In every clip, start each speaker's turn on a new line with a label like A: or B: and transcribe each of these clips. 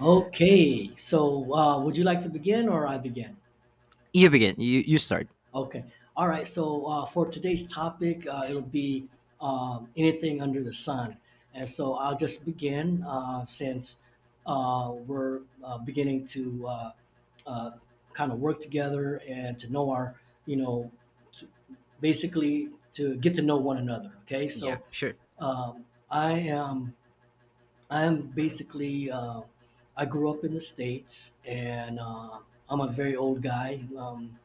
A: Okay, would you like to begin or I begin?
B: You begin. You start.
A: Okay, all right. For today's topic, it'll be anything under the sun, and so I'll just begin since we're beginning to uh, kind of work together and to know our, you know, to, basically to get to know one another. Okay,
B: Yeah,
A: so
B: sure.
A: I am. I'm basically I grew up in the states, and I'm a very old guy.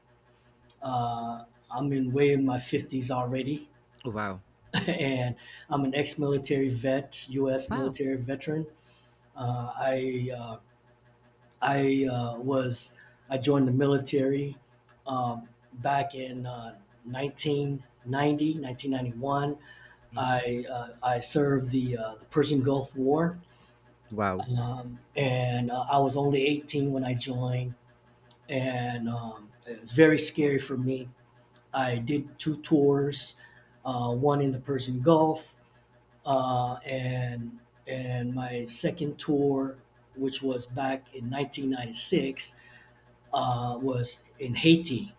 A: uh, I'm in way in my fifties already,
B: Wow.
A: and I'm an ex-military vet, U.S.
B: Wow.
A: military veteran. Uh, I uh, I uh, was I joined the military back in 1990, 1991.
B: Hmm.
A: I served the Persian Gulf War.
B: Wow.
A: And I was only 18 when I joined, and it was very scary for me. I did two tours, one in the Persian Gulf, uh, and and my second tour, which was back in 1996, was in Haiti,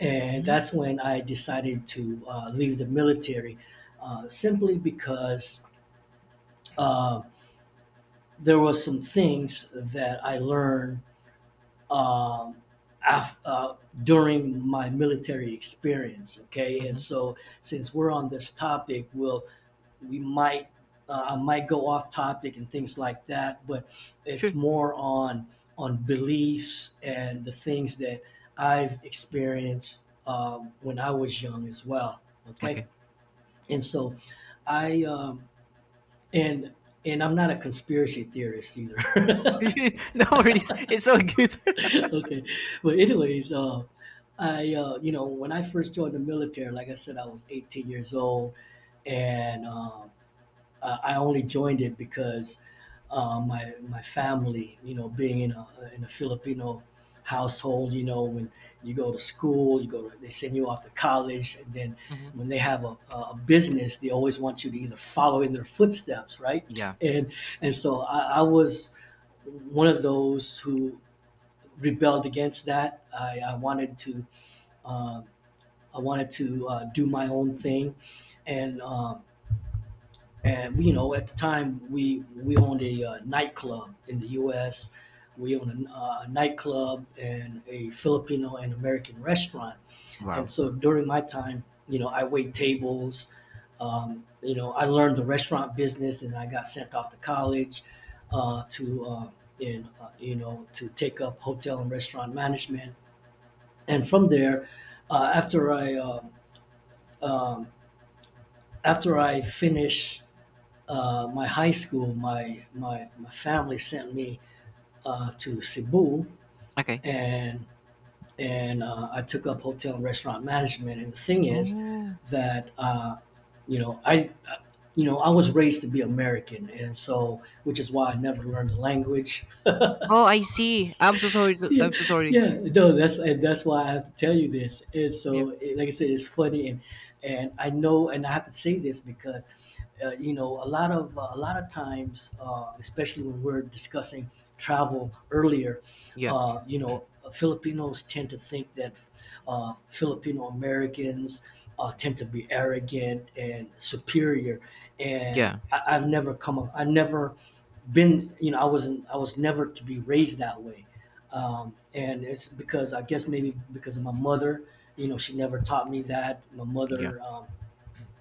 A: and
B: Hmm.
A: that's when I decided to leave the military, simply because uh, there were some things that I learned um, af- uh, during my military experience. Okay, and
B: Hmm.
A: so since we're on this topic, we'll we might I might go off topic and things like that, but it's
B: Sure.
A: more on beliefs and the things that I've experienced when I was young as well. Okay,
B: Okay.
A: and so I and and I'm not a conspiracy theorist either.
B: No worries. It's so good.
A: okay, but anyways I you know when I first joined the military, like I said, I was 18 years old, and um, I only joined it because my family, you know, being in a Filipino household, you know, when you go to school, they send you off to college, and then
B: Mm-hmm.
A: when they have a, a business, they always want you to either follow in their footsteps, right?
B: Yeah.
A: And I was one of those who rebelled against that. I wanted to uh, do my own thing, and um, and you know, at the time we owned a nightclub in the U.S. We owned a nightclub and a Filipino and American restaurant, and
B: Wow.
A: so during my time, you know, I wait tables. You know, I learned the restaurant business, and I got sent off to college uh, to. Uh, you know, to take up hotel and restaurant management, and from there, uh, after I um um, after I finished my high school, my family sent me to Cebu,
B: Okay.
A: and and I took up hotel and restaurant management. And the thing is
B: Oh.
A: that you know I uh, you know, I was raised to be American, and so which is why I never learned the language.
B: Oh, I see. I'm so sorry.
A: Yeah,
B: I'm so sorry.
A: yeah. No, that's, and that's why I have to tell you this. And
B: Yeah.
A: so, like I said, it's funny, and I know, and I have to say this because you know, a lot of times, especially when we're discussing travel earlier,
B: Yeah.
A: you know, Filipinos tend to think that Filipino Americans tend to be arrogant and superior, and
B: Yeah.
A: I, I've never come. Up- I never been. You know, I was never to be raised that way, and it's because I guess maybe because of my mother. You know, she never taught me that. My
B: Yeah.
A: mother.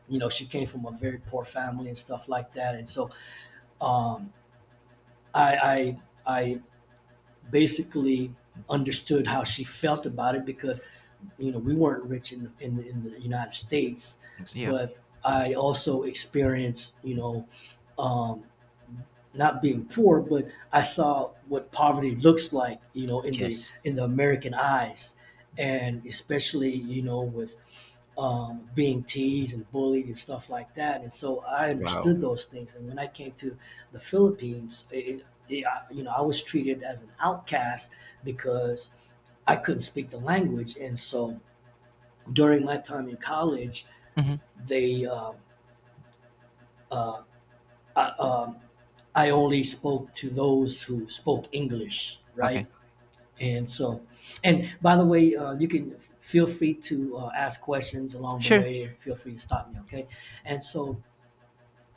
A: You know, she came from a very poor family and stuff like that, and so um, I, I I basically understood how she felt about it because, you know, we weren't rich in the United States,
B: Yeah.
A: but I also experienced, you know, um, not being poor, but I saw what poverty looks like, you know, in the
B: Yes.
A: in the American eyes, and especially, you know, with being teased and bullied and stuff like that. And so I
B: Wow.
A: understood those things. And when I came to the Philippines, you know, I was treated as an outcast because I couldn't speak the language. And so during my time in college,
B: Hmm.
A: they, um, uh, I, um, I only spoke to those who spoke English, right?
B: Okay.
A: And so, and by the way, you can feel free to ask questions along the
B: Sure.
A: way. Feel free to stop me, okay? And so,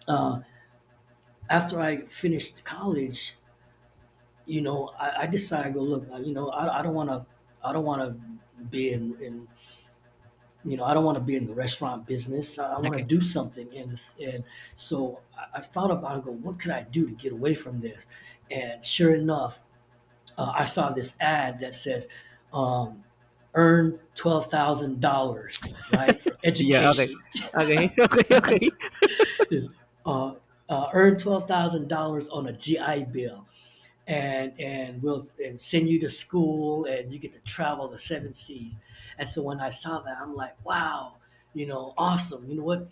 A: uh, after I finished college, you know, I decided to You know, I don't want to. I don't want to be in, in. You know, I don't want to be in the restaurant business. I want to
B: Okay.
A: do something. And so I thought about it. Go, what could I do to get away from this? And sure enough, I saw this ad that says, um, "Earn $12,000, right, for
B: Yeah. Okay.
A: education."
B: Okay. Okay. Okay.
A: Is uh, earn $12,000 on a GI Bill, and we'll and send you to school, and you get to travel the seven seas. And so when I saw that, I'm like, wow, you know, awesome. You know what?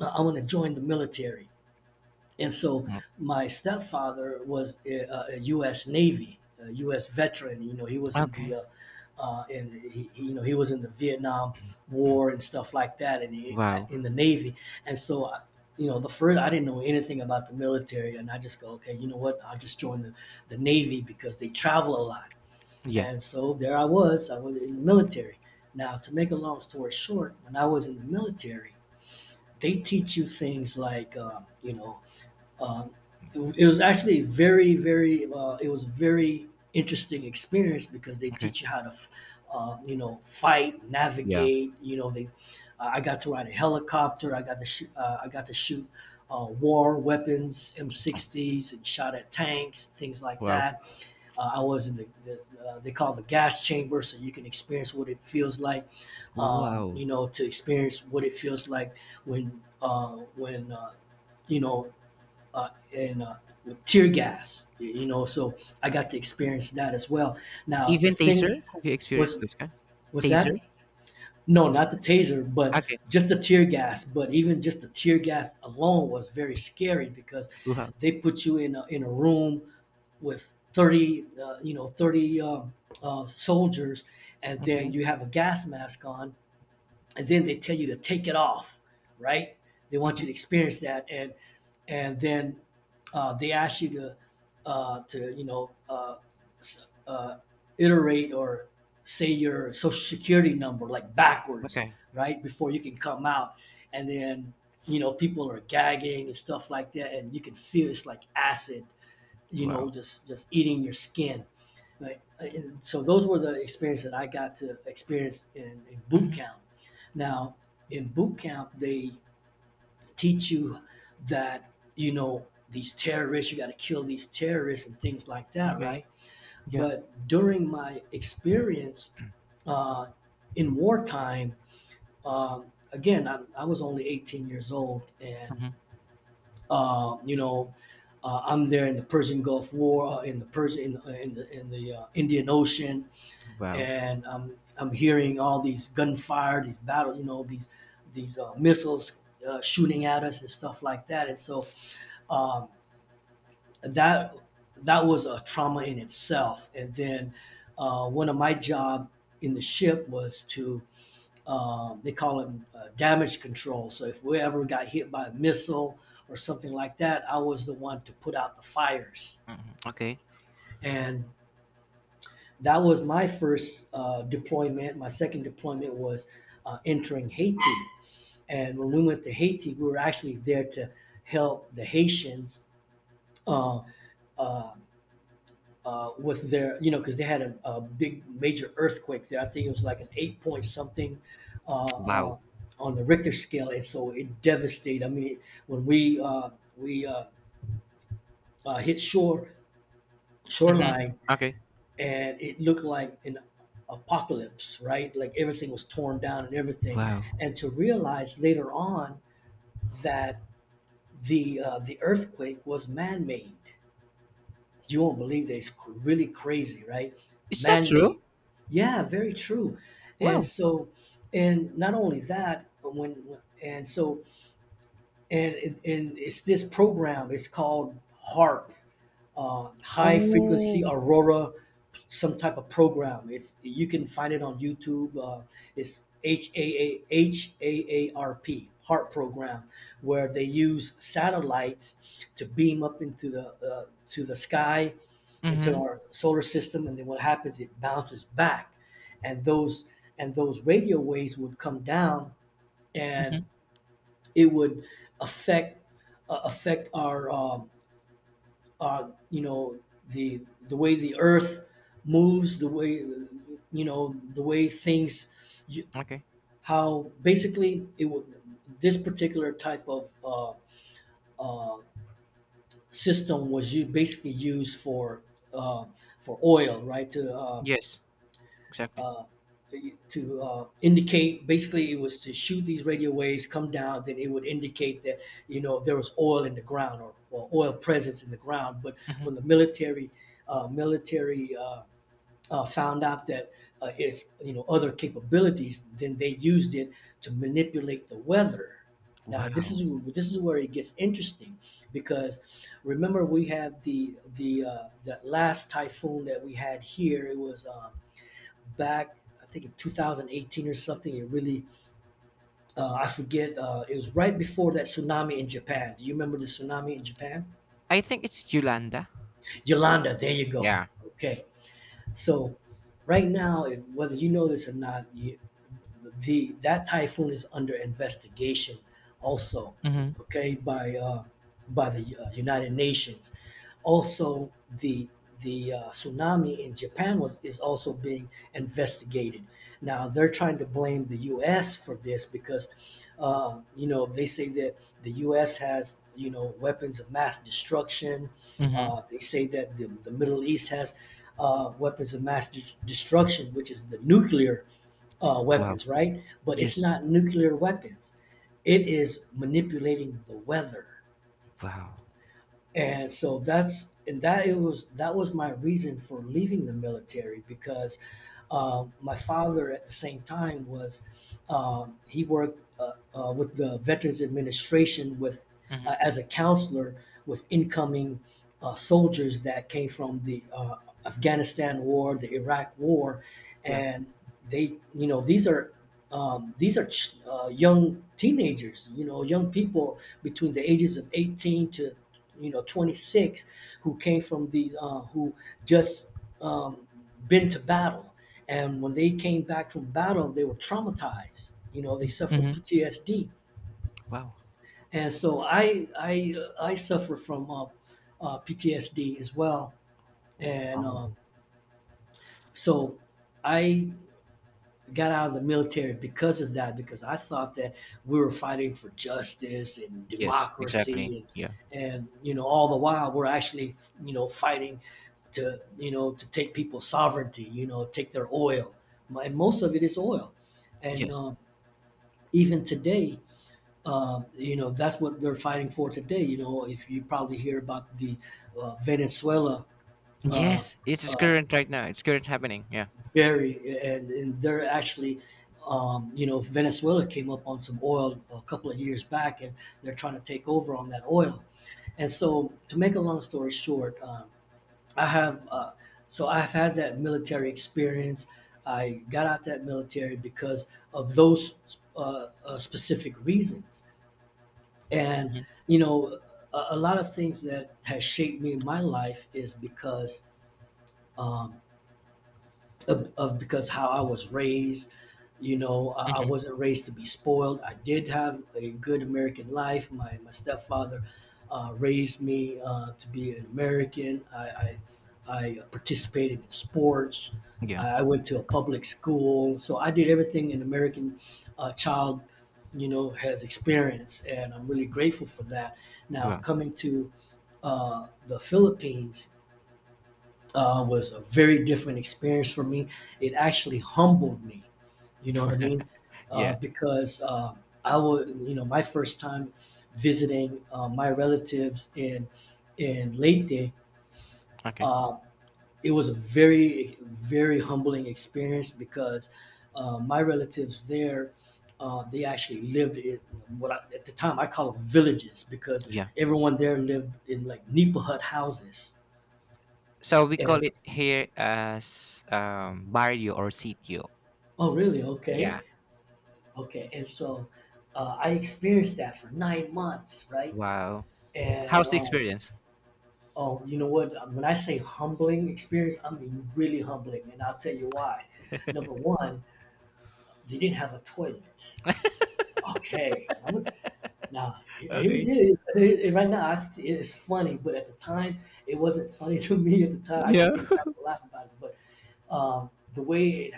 A: Want to join the military. And so
B: Mm,
A: my stepfather was a U.S. Navy, a U.S. veteran. You know, he was in
B: okay.
A: you know, he was in the Vietnam War and stuff like that, and he,
B: Wow.
A: in the Navy. And so, you know, the first I didn't know anything about the military, and I just go, okay, you know what? I'll just join the Navy because they travel a lot.
B: Yeah.
A: And so there I was. I was in the military. Now, to make a long story short, when I was in the military, they teach you things like, um, it was actually very, very. It was a very interesting experience because they
B: Okay.
A: teach you how to, you know, fight,
B: Yeah.
A: navigate. You know, they. I got to ride a helicopter. I got to shoot. I got to shoot war weapons, M60s, and shot at tanks, things like
B: Wow.
A: that. I was in they call it the gas chamber, so you can experience what it feels like.
B: Oh,
A: You
B: wow.
A: know, to experience what it feels like when you know and with tear gas. You know, so I got to experience that as well. Now the
B: Even taser?
A: thing
B: Have you
A: was
B: experienced those kind?
A: was that
B: Taser?
A: no, not the taser, but
B: Okay.
A: just the tear gas. But even just the tear gas alone was very scary because
B: Wow.
A: they put you in a room with 30, 30 soldiers, and then
B: Okay.
A: you have a gas mask on, and then they tell you to take it off, right? They want
B: Okay.
A: you to experience that, and then they ask you to uh, to you know uh, uh, iterate or say your social security number like backwards,
B: Okay.
A: right? Before you can come out, and then you know people are gagging and stuff like that, and you can feel it's like acid, you know,
B: Wow.
A: just eating your skin. Like, and so those were the experience that I got to experience in boot
B: Mm-hmm.
A: camp. Now in boot camp, they teach you that, you know, these terrorists, you got to kill these terrorists and things like that, right?
B: Okay. Yeah.
A: But during my experience uh, in wartime, again, I was only 18 years old, and
B: Mm-hmm.
A: you know, I'm there in the Persian Gulf War, in the Persian, in the Indian Ocean,
B: Wow.
A: and I'm hearing all these gunfire, these battles, you know, these missiles shooting at us and stuff like that. And so um, that that was a trauma in itself. And then one of my job in the ship was to they call it damage control. So if we ever got hit by a missile or something like that, I was the one to put out the fires.
B: Hmm. Okay.
A: And that was my first deployment. My second deployment was entering Haiti. And when we went to Haiti, we were actually there to help the Haitians uh, uh, with their, you know, because they had a big major earthquake there. I think it was like an 8 point something uh, uh,
B: Wow.
A: on the Richter scale, and so it devastated. I mean, when we hit shore
B: Mm-hmm.
A: shoreline,
B: Okay.
A: and it looked like an apocalypse, right? Like everything was torn down and everything,
B: Wow.
A: and to realize later on that the earthquake was man made. You won't believe that. Really crazy, right?
B: Is that true?
A: Man-made. Yeah, very true. And
B: Wow.
A: so, and not only that, but when and so and and it's this program. It's called HARP, High Frequency
B: Oh.
A: Aurora some type of program. It's You can find it on YouTube. It's HAAHAARP Heart Program, where they use satellites to beam up into the to the sky, into
B: Mm-hmm.
A: our solar system, and then what happens? It bounces back, and those and those radio waves would come down, and
B: Mm-hmm.
A: it would affect affect our uh, you know the way the earth moves, the way, the way things, you,
B: Okay.
A: how basically it would, this particular type of uh, system was used, basically used uh, for oil, right? To
B: Yes. Exactly.
A: uh, indicate, basically it was to shoot these radio waves, come down, then it would indicate that there was oil in the ground, or oil presence in the ground, but
B: Mm-hmm.
A: when the military found out that it's you know other capabilities, then they used it to manipulate the weather. Now
B: Wow.
A: this is where it gets interesting, because remember we had the that last typhoon that we had here. It was, back, I think, 2018 or something. It really, I forget. It was right before that tsunami in Japan. Do you remember the tsunami in Japan?
B: I think it's Yolanda.
A: Yolanda, there you go.
B: Yeah.
A: Okay, so right now, if, whether you know this or not, you, the that typhoon is under investigation also,
B: Mm-hmm.
A: okay, by the United Nations. Also, the tsunami in Japan was is also being investigated. Now they're trying to blame the U.S. for this, because, they say that the U.S. has, weapons of mass destruction.
B: Mm-hmm.
A: They say that the Middle East has weapons of mass destruction, which is the nuclear
B: Wow.
A: weapons, right? But it's
B: Yes.
A: not nuclear weapons. It is manipulating the weather.
B: Wow.
A: And so that's and that it was that was my reason for leaving the military, because my father at the same time was, he worked with the Veterans Administration, with
B: Mm-hmm.
A: as a counselor with incoming soldiers that came from the Afghanistan War, the Iraq War,
B: Yeah.
A: and they you know these are young teenagers, young people between the ages of 18 to, 26, who came from these who just um, been to battle. And when they came back from battle, they were traumatized. They suffered
B: Mm-hmm.
A: PTSD,
B: Wow.
A: and so I suffer from PTSD as well, and
B: Wow.
A: so I got out of the military because of that, because I thought that we were fighting for justice and
B: Yes. Exactly.
A: democracy,
B: Yeah.
A: and all the while we're actually, fighting to, to take people's sovereignty, take their oil. And most of it is oil, and
B: Yes.
A: even today, that's what they're fighting for today. If you probably hear about the Venezuela, uh,
B: Yes, it's
A: uh,
B: current right now. It's current happening. Yeah.
A: very, and they're actually. Venezuela came up on some oil a couple of years back, and they're trying to take over on that oil. And so, to make a long story short, I have so I've had that military experience. I got out that military because of those specific reasons, and,
B: Mhm.
A: you know, a lot of things that has shaped me in my life is because um, of because how I was raised. I
B: Mhm.
A: wasn't raised to be spoiled. I did have a good American life. My stepfather raised me to be an American. I participated in sports.
B: Yeah.
A: I went to a public school, so I did everything an American child, has experienced, and I'm really grateful for that. Now,
B: Well.
A: coming to the Philippines was a very different experience for me. It actually humbled me. You know what I mean?
B: Yeah.
A: Because I would, you know, my first time visiting my relatives in Leyte,
B: Okay.
A: uh, it was a very, very humbling experience, because my relatives there, they actually lived in what I, at the time, I call them villages, because
B: Yeah.
A: everyone there lived in like Nipa hut houses.
B: So we call
A: And
B: it here as barrio or sitio.
A: oh, really? Okay.
B: Yeah.
A: Okay, and so I experienced that for 9 months, right?
B: Wow.
A: And
B: How's the experience?
A: You know what? When I say humbling experience, I mean really humbling, and I'll tell you why. Number one, they didn't have a toilet. Okay, now here- here's
B: Okay.
A: here- right now. It's funny, but at the time, it wasn't funny to me. At the time, I could
B: Yeah.
A: think back and laugh about it, but um, the way it,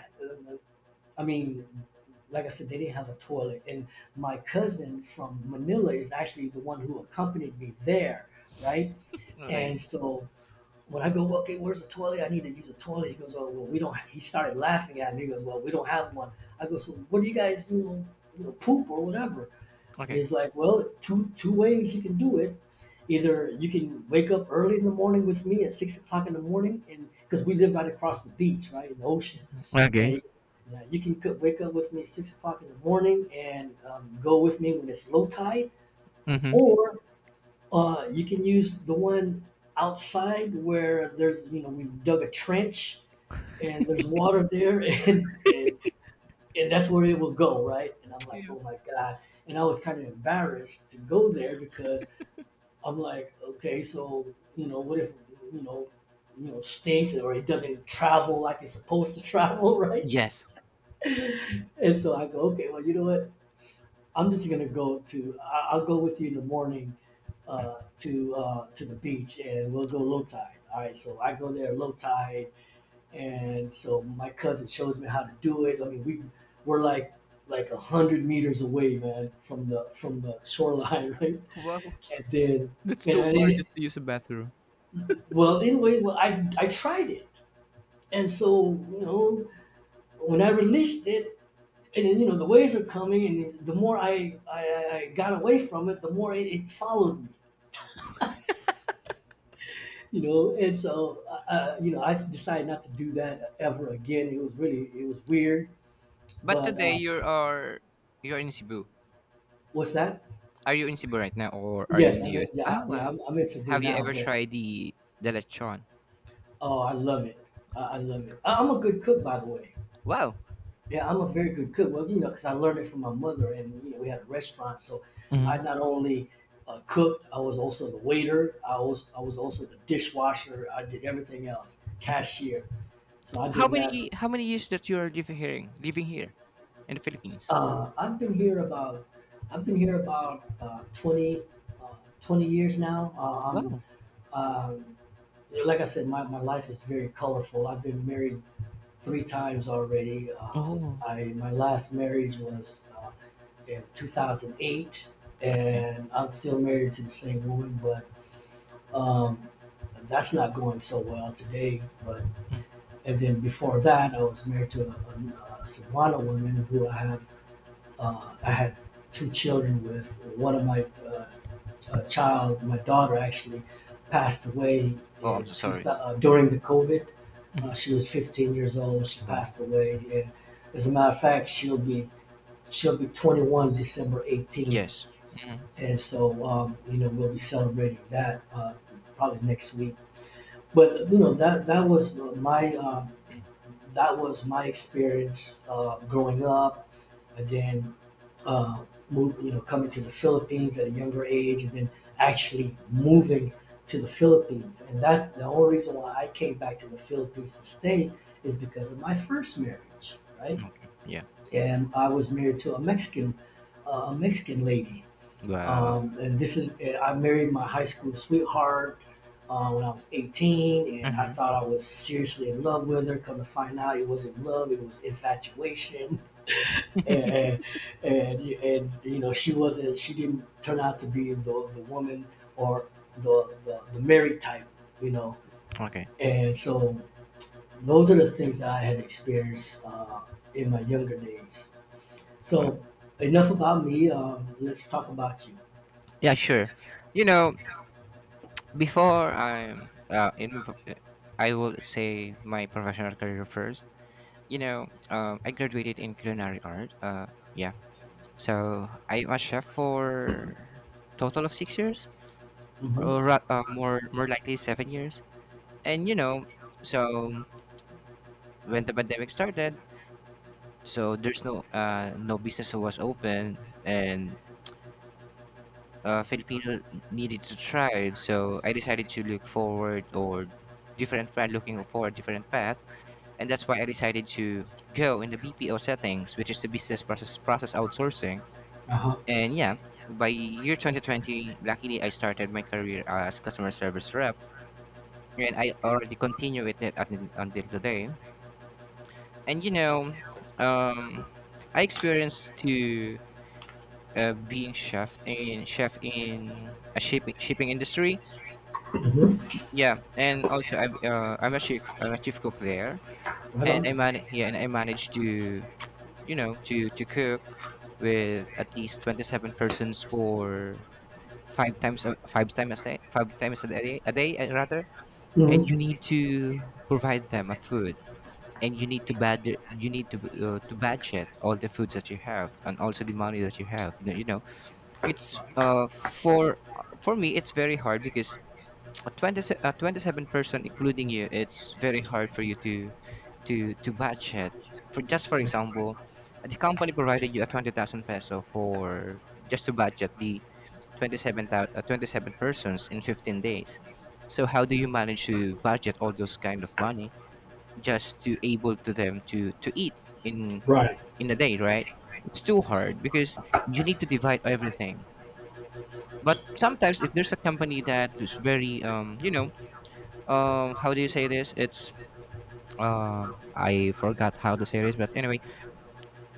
A: I mean, like I said, they didn't have a toilet. And my cousin from Manila is actually the one who accompanied me there, right?
B: Okay.
A: And so when I go, okay, where's the toilet? I need to use a toilet. He goes, oh, well, we don't. He started laughing at me. He goes, well, we don't have one. I go, so what do you guys, poop or whatever? And
B: Okay.
A: he's like, well, two ways you can do it. Either you can wake up early in the morning with me at 6 o'clock in the morning, and because we live right across the beach, right in the ocean,
B: Okay.
A: and you can wake up with me at 6 o'clock in the morning and go with me when it's low tide,
B: Mm-hmm.
A: or you can use the one outside, where there's, we've dug a trench, and there's water there, and, and and that's where it will go, right? And I'm like,
B: Yeah.
A: oh my god. And I was kind of embarrassed to go there, because I'm like, okay, so, what if, you know, stinks or it doesn't travel like it's supposed to travel, right?
B: Yes.
A: And so I go, okay, well, you know what? I'm just gonna go to. I'll go with you in the morning, to the beach, and we'll go low tide. All right, so I go there low tide, and so my cousin shows me how to do it. I mean, we're like 100 meters away, man, from the shoreline, right?
B: Wow.
A: And then,
B: That's
A: you know,
B: too
A: and
B: far
A: it,
B: just to use a bathroom.
A: well, anyway, well, I tried it. And so, when I released it, and then, the waves are coming, and the more I got away from it, the more it followed me. And so I decided not to do that ever again. It was weird.
B: But
A: But
B: today you're in Cebu.
A: what's that?
B: Are you in Cebu right now or are you
A: Yes,
B: in the
A: I'm in.
B: US?
A: Yeah,
B: Oh, wow.
A: I'm in Cebu
B: Have you
A: now.
B: ever
A: But
B: tried the lechon?
A: oh, I love it. I love it. I'm a good cook, by the way.
B: Wow.
A: Yeah, I'm a very good cook. Well, because I learned it from my mother, and, we had a restaurant, so I
B: Hmm.
A: not only cooked, I was also the waiter. I was also the dishwasher. I did everything else,
B: Hmm.
A: cashier. So I
B: How
A: did that.
B: many how many years that you are living here in the Philippines?
A: Uh, I've been here about I've been here about uh, 20, uh, 20 years now.
B: Wow.
A: Um, like I said, my life is very colorful. I've been married three times already.
B: Oh,
A: I My last marriage was in 2008,
B: okay.
A: and I'm still married to the same woman, but um, that's not going so well today. But
B: Mm.
A: And then before that, I was married to a Savannah woman, who I had two children with. One of my child, my daughter actually, passed away
B: Oh, I'm
A: in
B: so
A: two
B: sorry.
A: during the COVID. She
B: Mhm.
A: was 15 years old. She
B: Wow.
A: passed away, and as a matter of fact, she'll be 21 December 18,
B: Yes. Mhm.
A: and so we'll be celebrating that probably next week. But that was my experience growing up. And then uh, coming to the Philippines at a younger age, and then actually moving to the Philippines. And that's the only reason why I came back to the Philippines to stay, is because of my first marriage, right?
B: Okay. Yeah.
A: And I was married to a Mexican, a Mexican lady.
B: Wow.
A: And I married my high school sweetheart when I was 18, and I
B: Hmm.
A: thought I was seriously in love with her. Come to find out, it wasn't love; it was infatuation. And and, and you know she didn't turn out to be the woman, or the married type. you know
B: Okay.
A: and so those are the things that I had experienced in my younger days.
B: Wow.
A: So enough about me. Let's talk about you.
B: Yeah, sure. You know, before I'm in, my prof- I will say my professional career first. You know, I graduated in culinary art. Yeah, so I'm a chef for total of 6 years,
A: Hmm.
B: or more likely 7 years. And you know, so when the pandemic started, so there's no business was open, and Filipino needed to thrive. So I decided to look forward, or different path, looking for a different path, and that's why I decided to go in the BPO settings, which is the business process outsourcing.
A: Uh-huh.
B: And yeah, by year 2020, luckily I started my career as customer service rep, and I already continue with it until today. And you know, um, I experienced to, being chef in a shipping industry.
A: Hmm.
B: Yeah, and also I'm a chief cook there,
A: Right
B: and I
A: on.
B: man yeah, and I managed to, you know, to cook with at least 27 persons for five times a day, five times a day, a day, rather, and
A: Hmm.
B: you need to provide them a food, and you need to, to budget all the foods that you have, and also the money that you have. No, you know, it's for me it's very hard because a 27 person including you, it's very hard for you to to budget. For, just for example, the company provided you a 20,000 peso for just to budget the 27 persons in 15 days. So how do you manage to budget all those kind of money just to able to them to, eat in
A: Right.
B: in a day, right? It's too hard because you need to divide everything. But sometimes if there's a company that is very, how do you say this? It's, um I forgot how to say this, but anyway,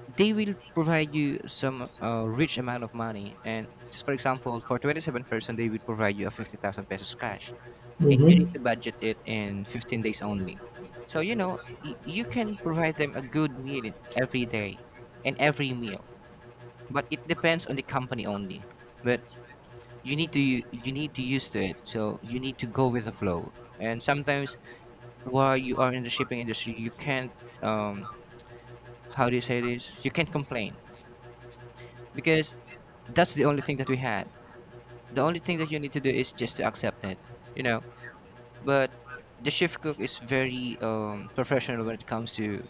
B: they will provide you some rich amount of money, and just for example for 27-person they will provide you a 50,000 pesos cash, and you need
A: Hmm.
B: to budget it in 15 days only. So, you know, you can provide them a good meal in every day and every meal, but it depends on the company only. But you need to use to it. So you need to go with the flow. And sometimes while you are in the shipping industry, you can't, um how do you say this? You can't complain because that's the only thing that we had. The only thing that you need to do is just to accept it. You know, but the chef cook is very professional when it comes to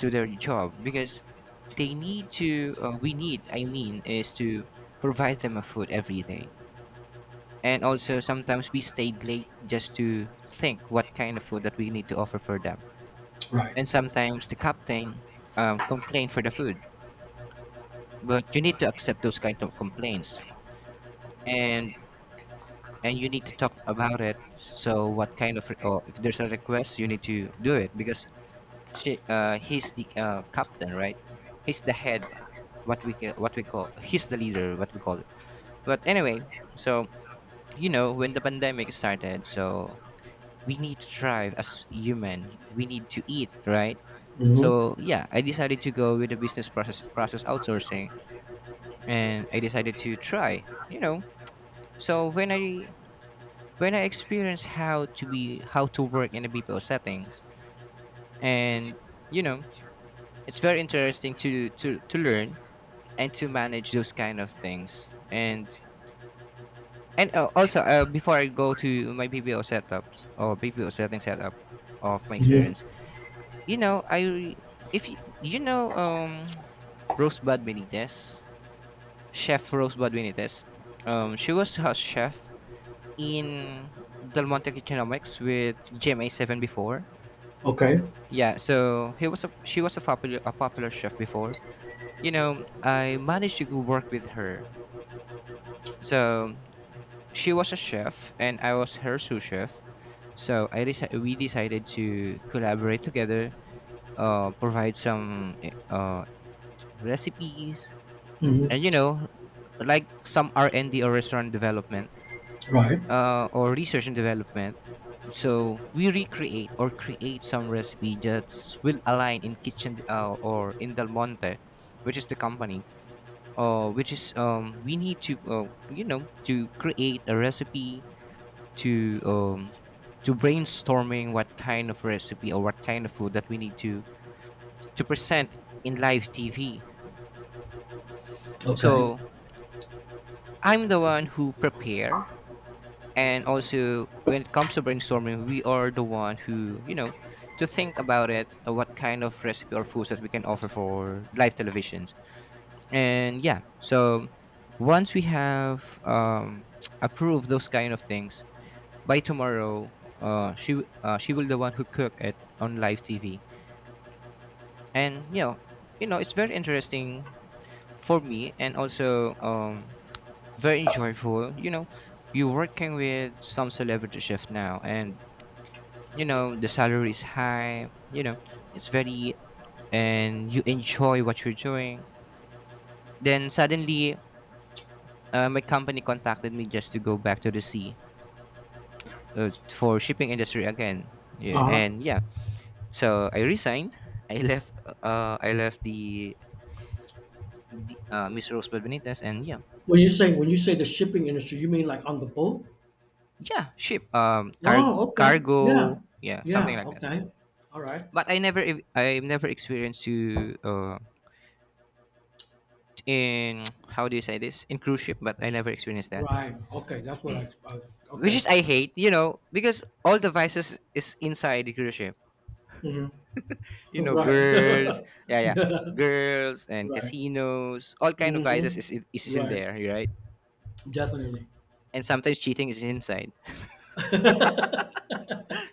B: their job, because they need to, we need I mean, is to provide them a food every day, and also sometimes we stayed late just to think what kind of food that we need to offer for them,
A: Right.
B: and sometimes the captain, complain for the food, but you need to accept those kind of complaints, and you need to talk about it, so what kind of, or if there's a request, you need to do it because she he's the, captain, right? He's the head, what we call, he's the leader, what we call it, but anyway. So you know when the pandemic started, so we need to thrive as human, we need to eat, right?
A: Hmm.
B: So yeah, I decided to go with the business process outsourcing, and I decided to try, you know. So when I experienced how to work in a BPO settings, and you know it's very interesting to to learn and to manage those kind of things. And also, before I go to my BPO setup, or BPO setting setup, of my
A: Hmm.
B: experience. You know, I, if you, you know rosebud benitez chef Rosebud Benitez, she was house chef in Del Monte Kitchenomics with GMA7 before.
A: Okay.
B: Yeah, so he was a she was a popular chef before. You know I managed to go work with her. So she was a chef, and I was her sous chef. So we decided to collaborate together, provide some, recipes,
A: Hmm.
B: and you know, like some R&D, or restaurant development,
A: Right.
B: or research and development. So we recreate or create some recipe that will align in kitchen, or in Del Monte, which is the company. Which is, we need to, to create a recipe, to to brainstorming what kind of recipe or what kind of food that we need to present in live TV.
A: Okay.
B: So I'm the one who prepare, and also when it comes to brainstorming, we are the one who, to think about it, what kind of recipe or foods that we can offer for live televisions. And yeah, so once we have, approved those kind of things by tomorrow. She will the one who cook it on live TV. And you know it's very interesting for me, and also, very enjoyable. You know, you're working with some celebrity chef now, and you know the salary is high, you know. It's very and you enjoy what you're doing. Then suddenly, my company contacted me just to go back to the sea, for shipping industry again. Yeah. And yeah. So I resigned. I left. I left the, Miss Rosebud Benitez, and yeah, yeah, ship. Cargo. Yeah, something like that. But I never experienced to, in, how do you say this, in cruise ship. But I never experienced that,
A: Right. Okay. That's what I.
B: which
A: Okay.
B: is I hate. You know, because all the vices is inside the cruise ship.
A: Mm-hmm.
B: You know,
A: Right.
B: girls. Yeah, yeah,
A: Yeah.
B: girls and
A: Right.
B: casinos. All kind of vices
A: Mhm.
B: is in
A: Right.
B: there, right?
A: Definitely.
B: And sometimes cheating is inside.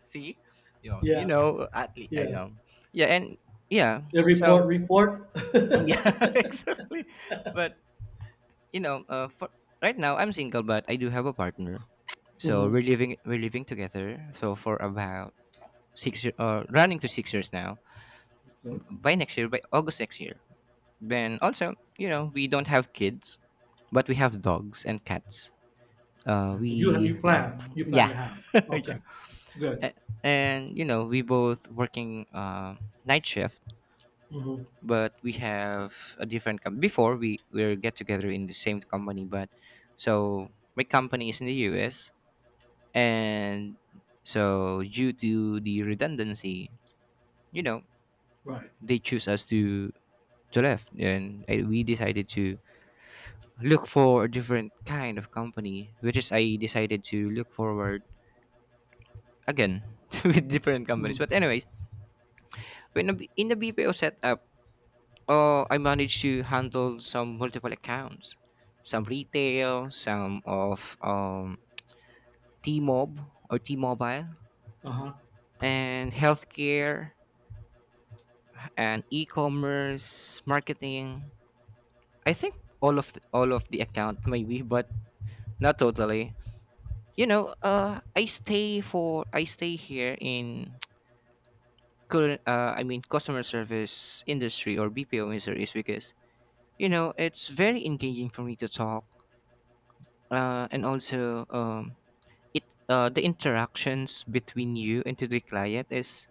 B: See,
A: Yeah.
B: at least I
A: Yeah.
B: know. Yeah, and yeah.
A: Every
B: So
A: what?
B: yeah, exactly. But you know, for right now I'm single, but I do have a partner. So
A: Mhm.
B: we're living together. So for about 6 year, running to 6 years now.
A: Good.
B: By next year, by August next year. Then also, you know, we don't have kids, but we have dogs and cats.
A: Okay. You
B: We
A: plan. You plan
B: Yeah.
A: to have.
B: Yeah.
A: Okay. Good.
B: A- and you know we both working, night shift,
A: Mhm.
B: but we have a different, before we get together in the same company, but, so my company is in the US, and so due to the redundancy, you know,
A: Right.
B: they choose us to left, and we decided to look for a different kind of company, which is I decided to look forward again, with different companies,
A: Mhm.
B: but anyways, when the in the BPO setup. I managed to handle some multiple accounts, some retail, some of, T-Mob T-Mobile,
A: Uh-huh.
B: and healthcare and e-commerce marketing. I think all of the, account maybe, but not totally. You know, I stay here in, current. I mean, customer service industry or BPO industry is because you know it's very engaging for me to talk. And also, it the interactions between you and to the client is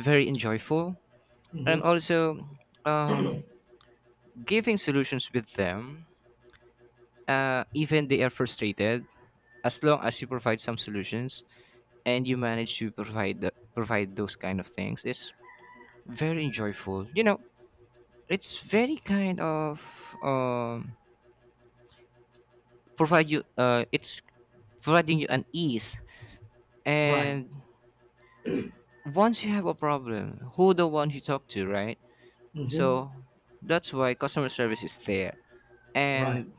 B: very enjoyable, and
A: Mhm.
B: also, um, giving solutions with them, even they are frustrated, as long as you provide some solutions and you manage to provide provide those kind of things is very enjoyable, you know. It's very kind of, um, provide you, it's providing you an ease,
A: Right.
B: and once you have a problem, who the one you talk to, right?
A: Mhm.
B: So that's why customer service is there.
A: Right.
B: And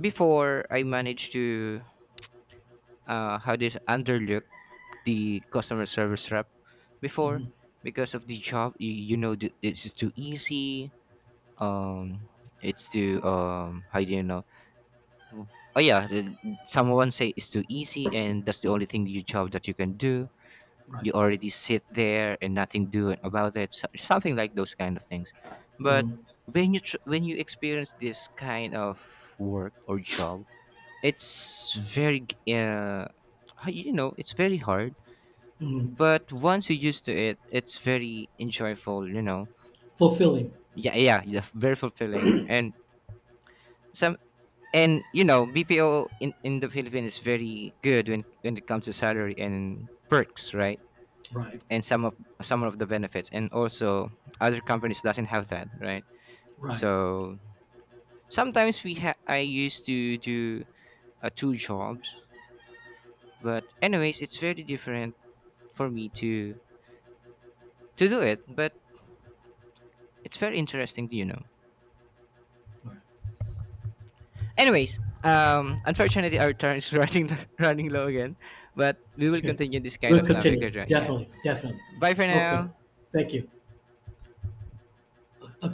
B: before I managed to, how this underlook the customer service rep before,
A: Mhm.
B: because of the job, it's too easy, um it's too, how do you know, oh yeah, someone say it's too easy, and that's the only thing you job that you can do. You already sit there and nothing doing about it, something like those kind of things. But
A: Mhm.
B: when you experience this kind of work or job, it's very g- how- you know it's very hard,
A: Mhm.
B: but once you're used to it, it's very enjoyable, you know.
A: Fulfilling.
B: Yeah, yeah, yeah, very fulfilling. And some, and you know BPO in the Philippines is very good when it comes to salary and perks, right?
A: Right.
B: And some of the benefits, and also other companies doesn't have that, right?
A: Right.
B: So sometimes, I used to do, two jobs, but anyways it's very different for me to do it, but it's very interesting, you know.
A: Right.
B: Anyways, unfortunately our time is running low again, but we will
A: Okay.
B: continue this kind
A: We'll
B: of topic
A: continue.
B: later on. Yeah,
A: Definitely. Definitely.
B: bye for
A: Okay.
B: now.
A: Thank you. Okay.